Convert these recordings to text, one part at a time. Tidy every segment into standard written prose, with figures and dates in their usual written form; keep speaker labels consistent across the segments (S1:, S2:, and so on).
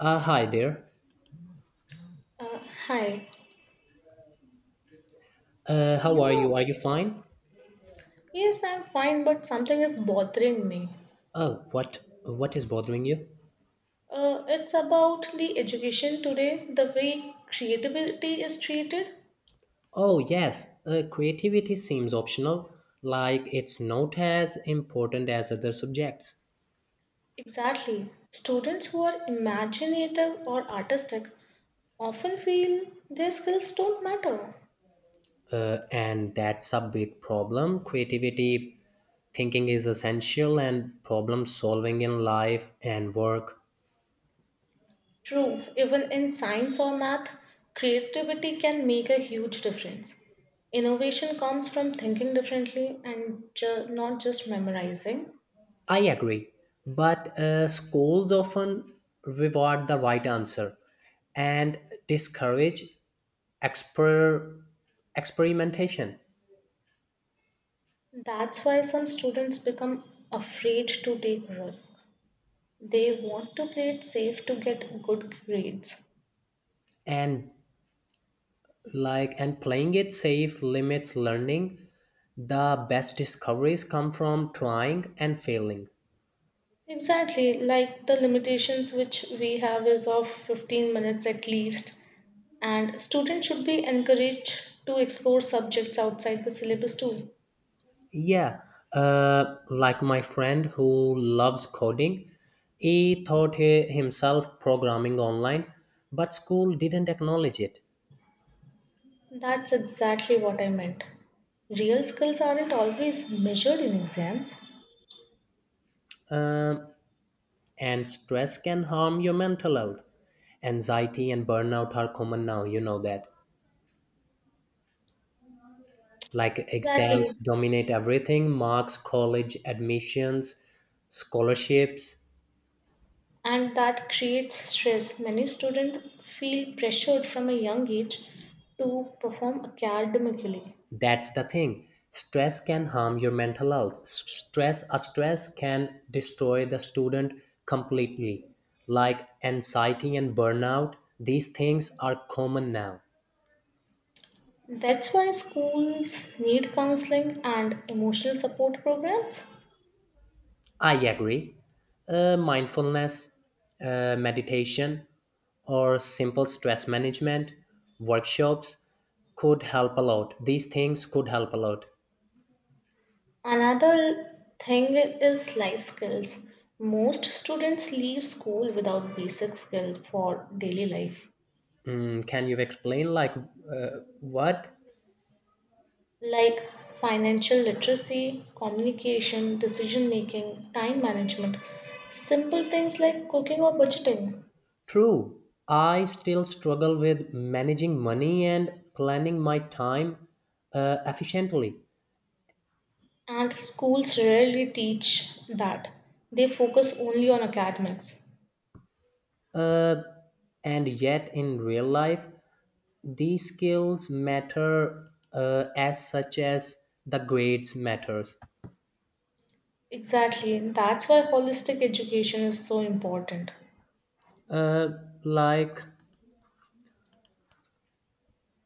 S1: Hi there.
S2: Uh, Hi.
S1: How
S2: You
S1: are
S2: know,
S1: you? Are you fine?
S2: yes, I'm fine, but something is bothering me.
S1: Oh, what is bothering you?
S2: It's about the education today, the way creativity is treated.
S1: Oh, yes. Creativity seems optional, like it's not as important as other subjects.
S2: Exactly. Students who are imaginative or artistic often feel their skills don't matter.
S1: And that's a big problem. Creativity thinking is essential and problem solving in life and work.
S2: True, even in science or math, creativity can make a huge difference. Innovation comes from thinking differently and not just memorizing.
S1: I agree, but schools often reward the right answer and discourage Exper- experimentation.
S2: That's why some students become afraid to take risks. They want to play it safe to get good grades.
S1: And like and playing it safe limits learning. The best discoveries come from trying and failing.
S2: Exactly, like the limitations which we have is of 15 minutes at least. And students should be encouraged to explore subjects outside the syllabus too.
S1: Yeah, like my friend who loves coding, he himself programming online, but school didn't acknowledge it.
S2: That's exactly what I meant. Real skills aren't always measured in exams.
S1: Um, and stress can harm your mental health. Anxiety and burnout are common now, you know that. Like
S2: Exactly.
S1: exams dominate everything, marks, college admissions, scholarships.
S2: And that creates stress. Many students feel pressured from a young age to perform academically.
S1: That's the thing, stress can harm your mental health. Stress can destroy the student completely. Like anxiety and burnout, these things are common now.
S2: That's why schools need counseling and emotional support programs.
S1: I agree. Mindfulness, meditation, or simple stress management workshops could help a lot these things could help a lot
S2: Another thing is life skills. Most students leave school without basic skills for daily life,
S1: Mm, can you explain, like, what?
S2: like financial literacy, communication, decision making, time management, simple things like cooking or budgeting.
S1: True. I still struggle with managing money and planning my time efficiently.
S2: And schools rarely teach that. They focus only on academics.
S1: Uh, and yet, in real life, these skills matter as such as the grades matters.
S2: Exactly. That's why holistic education is so important.
S1: Uh, like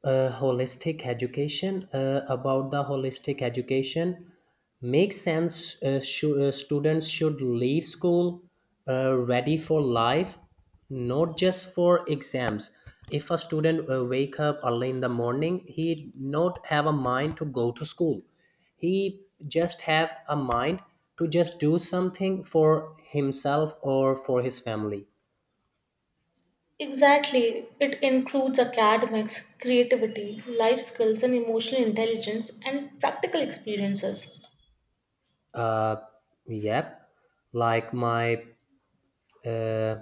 S1: holistic education about the holistic education makes sense. Students should leave school ready for life, not just for exams. If a student wake up early in the morning, he not have a mind to go to school, he just have a mind to just do something for himself or for his family.
S2: Exactly. It includes academics, creativity, life skills, and emotional intelligence and practical experiences.
S1: uh, yep. like my uh,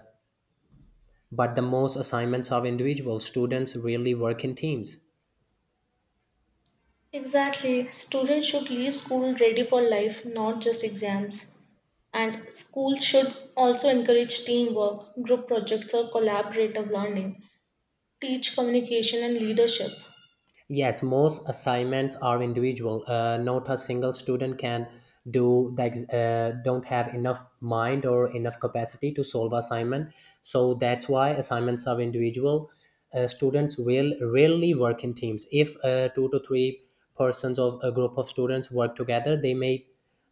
S1: But the most assignments are individual. Students rarely work in teams.
S2: Exactly. Students should leave school ready for life, not just exams. And schools should also encourage teamwork, group projects, or collaborative learning, teach communication and leadership.
S1: Yes, most assignments are individual. Not a single student can don't have enough mind or enough capacity to solve assignment. So that's why assignments are individual. Students will rarely work in teams. If two to three persons of a group of students work together, they may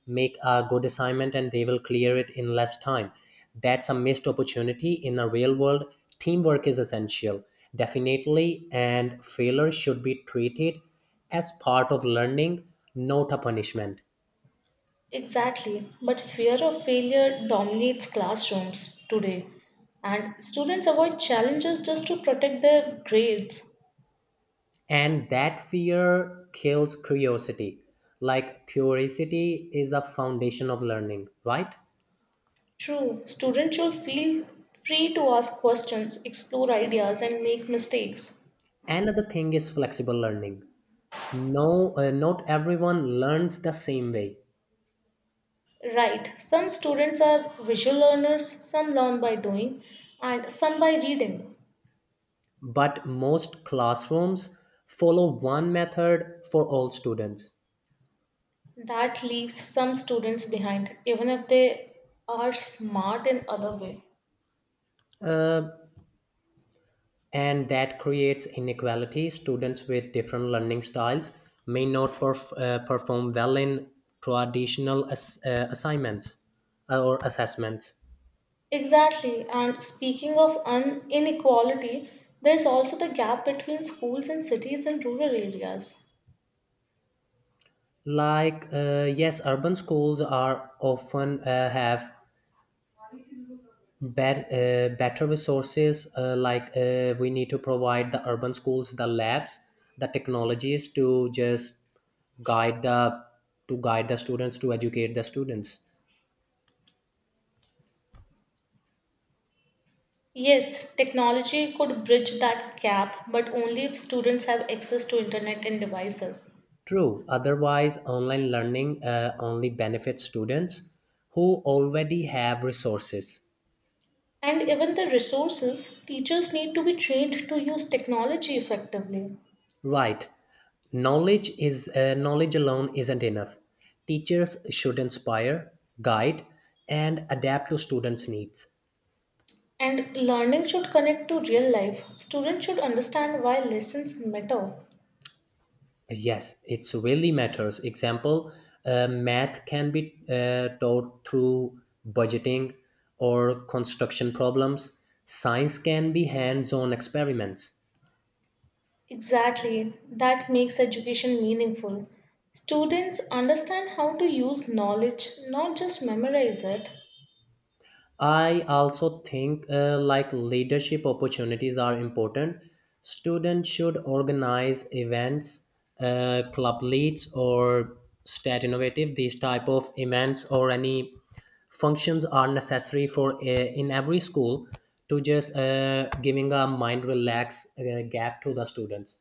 S1: make a good assignment and they will clear it in less time. That's a missed opportunity in a real world. Teamwork is essential, definitely, and failure should be treated as part of learning, not a punishment.
S2: Exactly, but fear of failure dominates classrooms today, and students avoid challenges just to protect their grades.
S1: And that fear kills curiosity. Like curiosity is a foundation of learning, right?
S2: True, students should feel free to ask questions, explore ideas, and make mistakes.
S1: Another thing is flexible learning. No, not everyone learns the same way.
S2: Right, some students are visual learners, some learn by doing, and some by reading.
S1: But most classrooms follow one method for all students.
S2: That leaves some students behind, even if they are smart in other way.
S1: Uh, and that creates inequality. Students with different learning styles may not perform well in traditional assignments or assessments.
S2: Exactly. And speaking of inequality, there's also the gap between schools in cities and rural areas.
S1: Like, yes, urban schools are often have better resources. We need to provide the urban schools the labs, the technologies to just guide the to guide the students, to educate the students.
S2: Yes, technology could bridge that gap, but only if students have access to internet and devices.
S1: True, otherwise online learning only benefits students who already have resources.
S2: And even the resources, teachers need to be trained to use technology effectively.
S1: Right, knowledge is knowledge alone isn't enough. Teachers should inspire, guide, and adapt to students needs.
S2: And learning should connect to real life. Students should understand why lessons matter.
S1: Yes, it's really matters. Example, math can be taught through budgeting or construction problems. Science can be hands-on experiments.
S2: Exactly, that makes education meaningful. Students understand how to use knowledge, not just memorize it.
S1: I also think like leadership opportunities are important. Students should organize events, club leads, or state innovative. These type of events or any functions are necessary for in every school to just giving a mind relax gap to the students.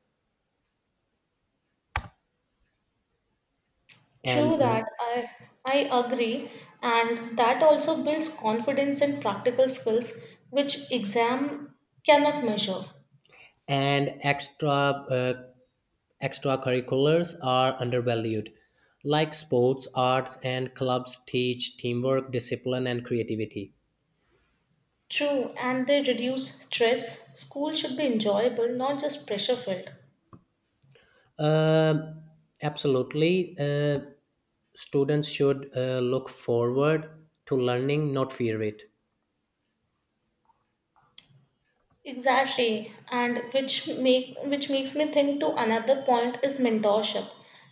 S2: True
S1: And
S2: that, I agree, and that also builds confidence in practical skills which exam cannot measure.
S1: and extra Extracurriculars are undervalued. Like sports, arts, and clubs teach teamwork, discipline, and creativity.
S2: True, and they reduce stress. School should be enjoyable, not just pressure filled.
S1: Um Absolutely. Students should look forward to learning, not fear it.
S2: Exactly, and which makes me think to another point is mentorship.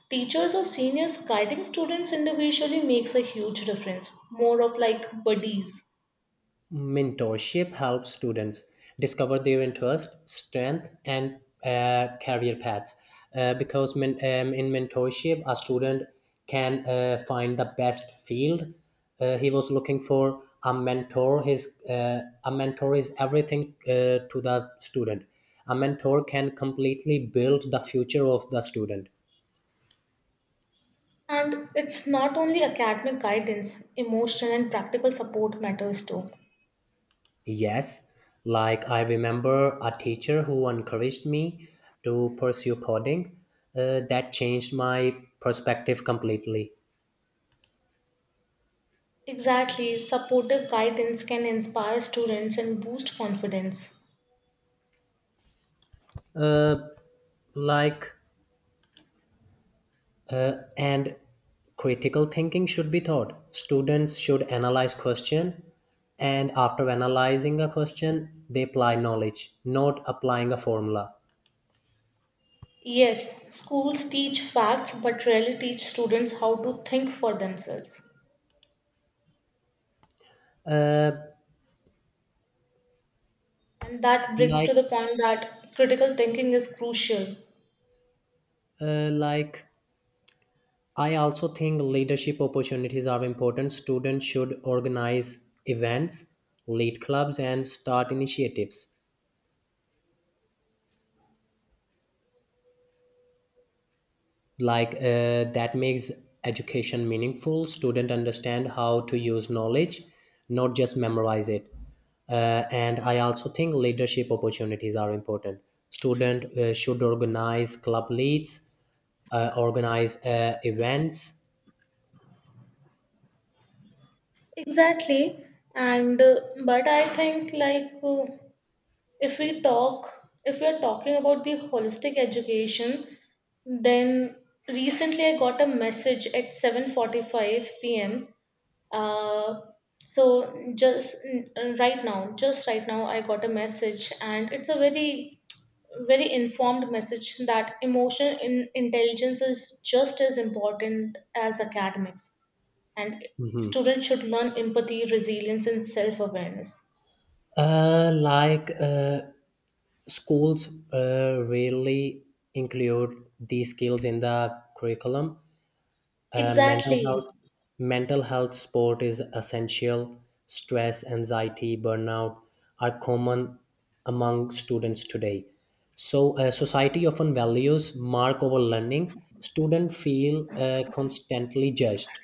S2: Teachers or seniors guiding students individually makes a huge difference, more of like buddies.
S1: Mentorship helps students discover their interest, strength, and career paths. In mentorship, a student can find the best field he was looking for. A mentor is everything to the student. A mentor can completely build the future of the student.
S2: And it's not only academic guidance, emotional and practical support matters too.
S1: Yes, like I remember a teacher who encouraged me to pursue coding. That changed my perspective completely.
S2: Exactly, supportive guidance can inspire students and boost confidence.
S1: Uh, like, and critical thinking should be taught. Students should analyze question, and after analyzing a question, they apply knowledge, not applying a formula.
S2: Yes, schools teach facts but rarely teach students how to think for themselves.
S1: Uh,
S2: And that brings
S1: like,
S2: to the point that critical thinking is crucial.
S1: uh, like I also think leadership opportunities are important. Students should organize events, lead clubs, and start initiatives. That makes education meaningful. Students understand how to use knowledge, not just memorize it. And I also think leadership opportunities are important. Student should organize club leads, organize events.
S2: Exactly. And but I think if we talk, if we are talking about the holistic education, then recently I got a message at 7:45 p.m. Uh, so just right now, just right now, I got a message, and it's a very informed message that emotional in intelligence is just as important as academics and students should learn empathy resilience and self-awareness.
S1: uh, like uh, Schools rarely include these skills in the curriculum. Uh, mental
S2: Exactly.
S1: health, Mental health support is essential. Stress, anxiety, burnout are common among students today. So society often values mark over learning. Students feel constantly judged.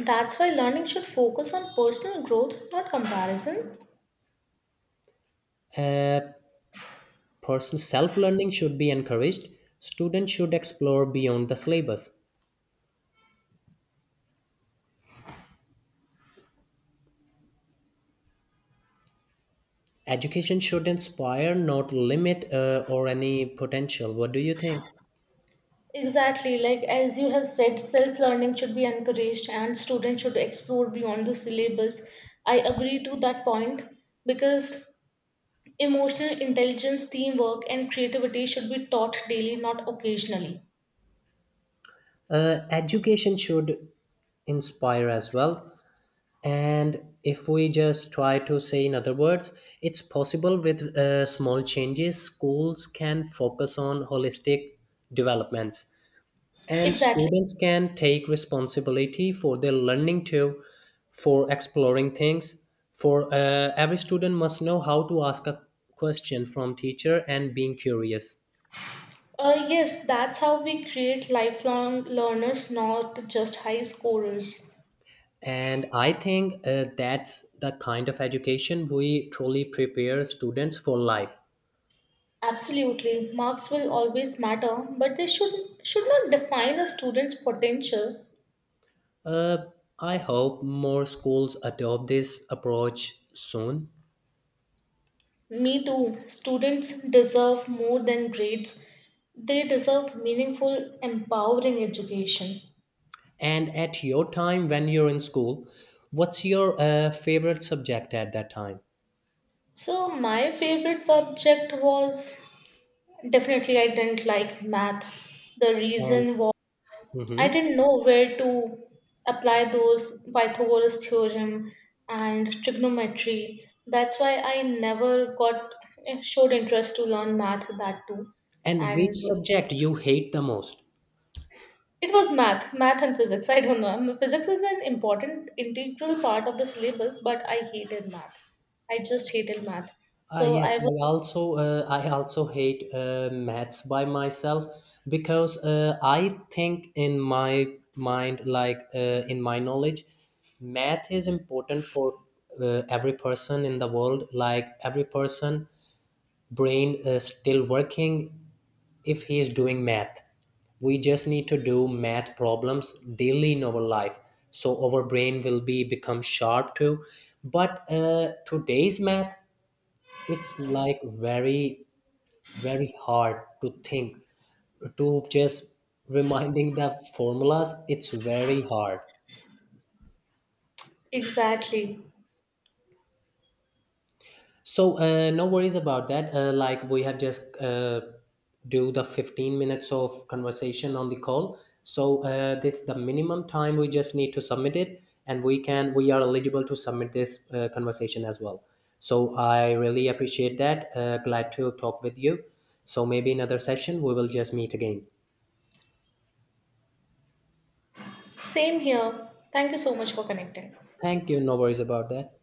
S2: That's why learning should focus on personal growth not comparison.
S1: A person's self-learning should be encouraged. Students should explore beyond the syllabus. Education should inspire, not limit or any potential. What do you think?
S2: Exactly, like as you have said, self-learning should be encouraged and students should explore beyond the syllabus. I agree to that point, because emotional intelligence, teamwork, and creativity should be taught daily, not occasionally.
S1: Education should inspire as well. And if we just try to say, in other words, it's possible. With small changes, schools can focus on holistic developments, and
S2: Exactly.
S1: students can take responsibility for their learning too, for exploring things. For every student must know how to ask a question from teacher and being curious.
S2: Yes, that's how we create lifelong learners, not just high scorers.
S1: And I think that's the kind of education we truly prepare students for life.
S2: Absolutely, marks will always matter, but they should not define a student's potential.
S1: uh, I hope more schools adopt this approach soon.
S2: Me too. Students deserve more than grades. They deserve meaningful, empowering education.
S1: And at your time when you're in school, what's your favorite subject at that time?
S2: So my favorite subject was, definitely, I didn't like math. The
S1: And
S2: reason was I
S1: mm-hmm.
S2: didn't know where to apply those Pythagoras theorem and trigonometry. That's why I never got, showed interest to learn math that too.
S1: And which
S2: And
S1: subject you hate the most?
S2: it was math and physics. I don't know. I mean, physics is an important integral part of the syllabus, but I hated math. I just hated math.
S1: Ah,
S2: So I
S1: yes,
S2: was
S1: I also hate maths by myself, because I think in my mind, like in my knowledge, math is important for every person in the world. Like every person, brain is still working if he is doing math. We just need to do math problems daily in our life, so our brain will be become sharp too. But today's math, it's like very hard to think, to just reminding the formulas, it's very hard.
S2: exactly.
S1: So no worries about that. Like we have just do the 15 minutes of conversation on the call. So this the minimum time we just need to submit it, and we are eligible to submit this conversation as well. So I really appreciate that. Glad to talk with you. So maybe another session we will just meet again.
S2: Same here. Thank you so much for connecting.
S1: Thank you. No worries about that.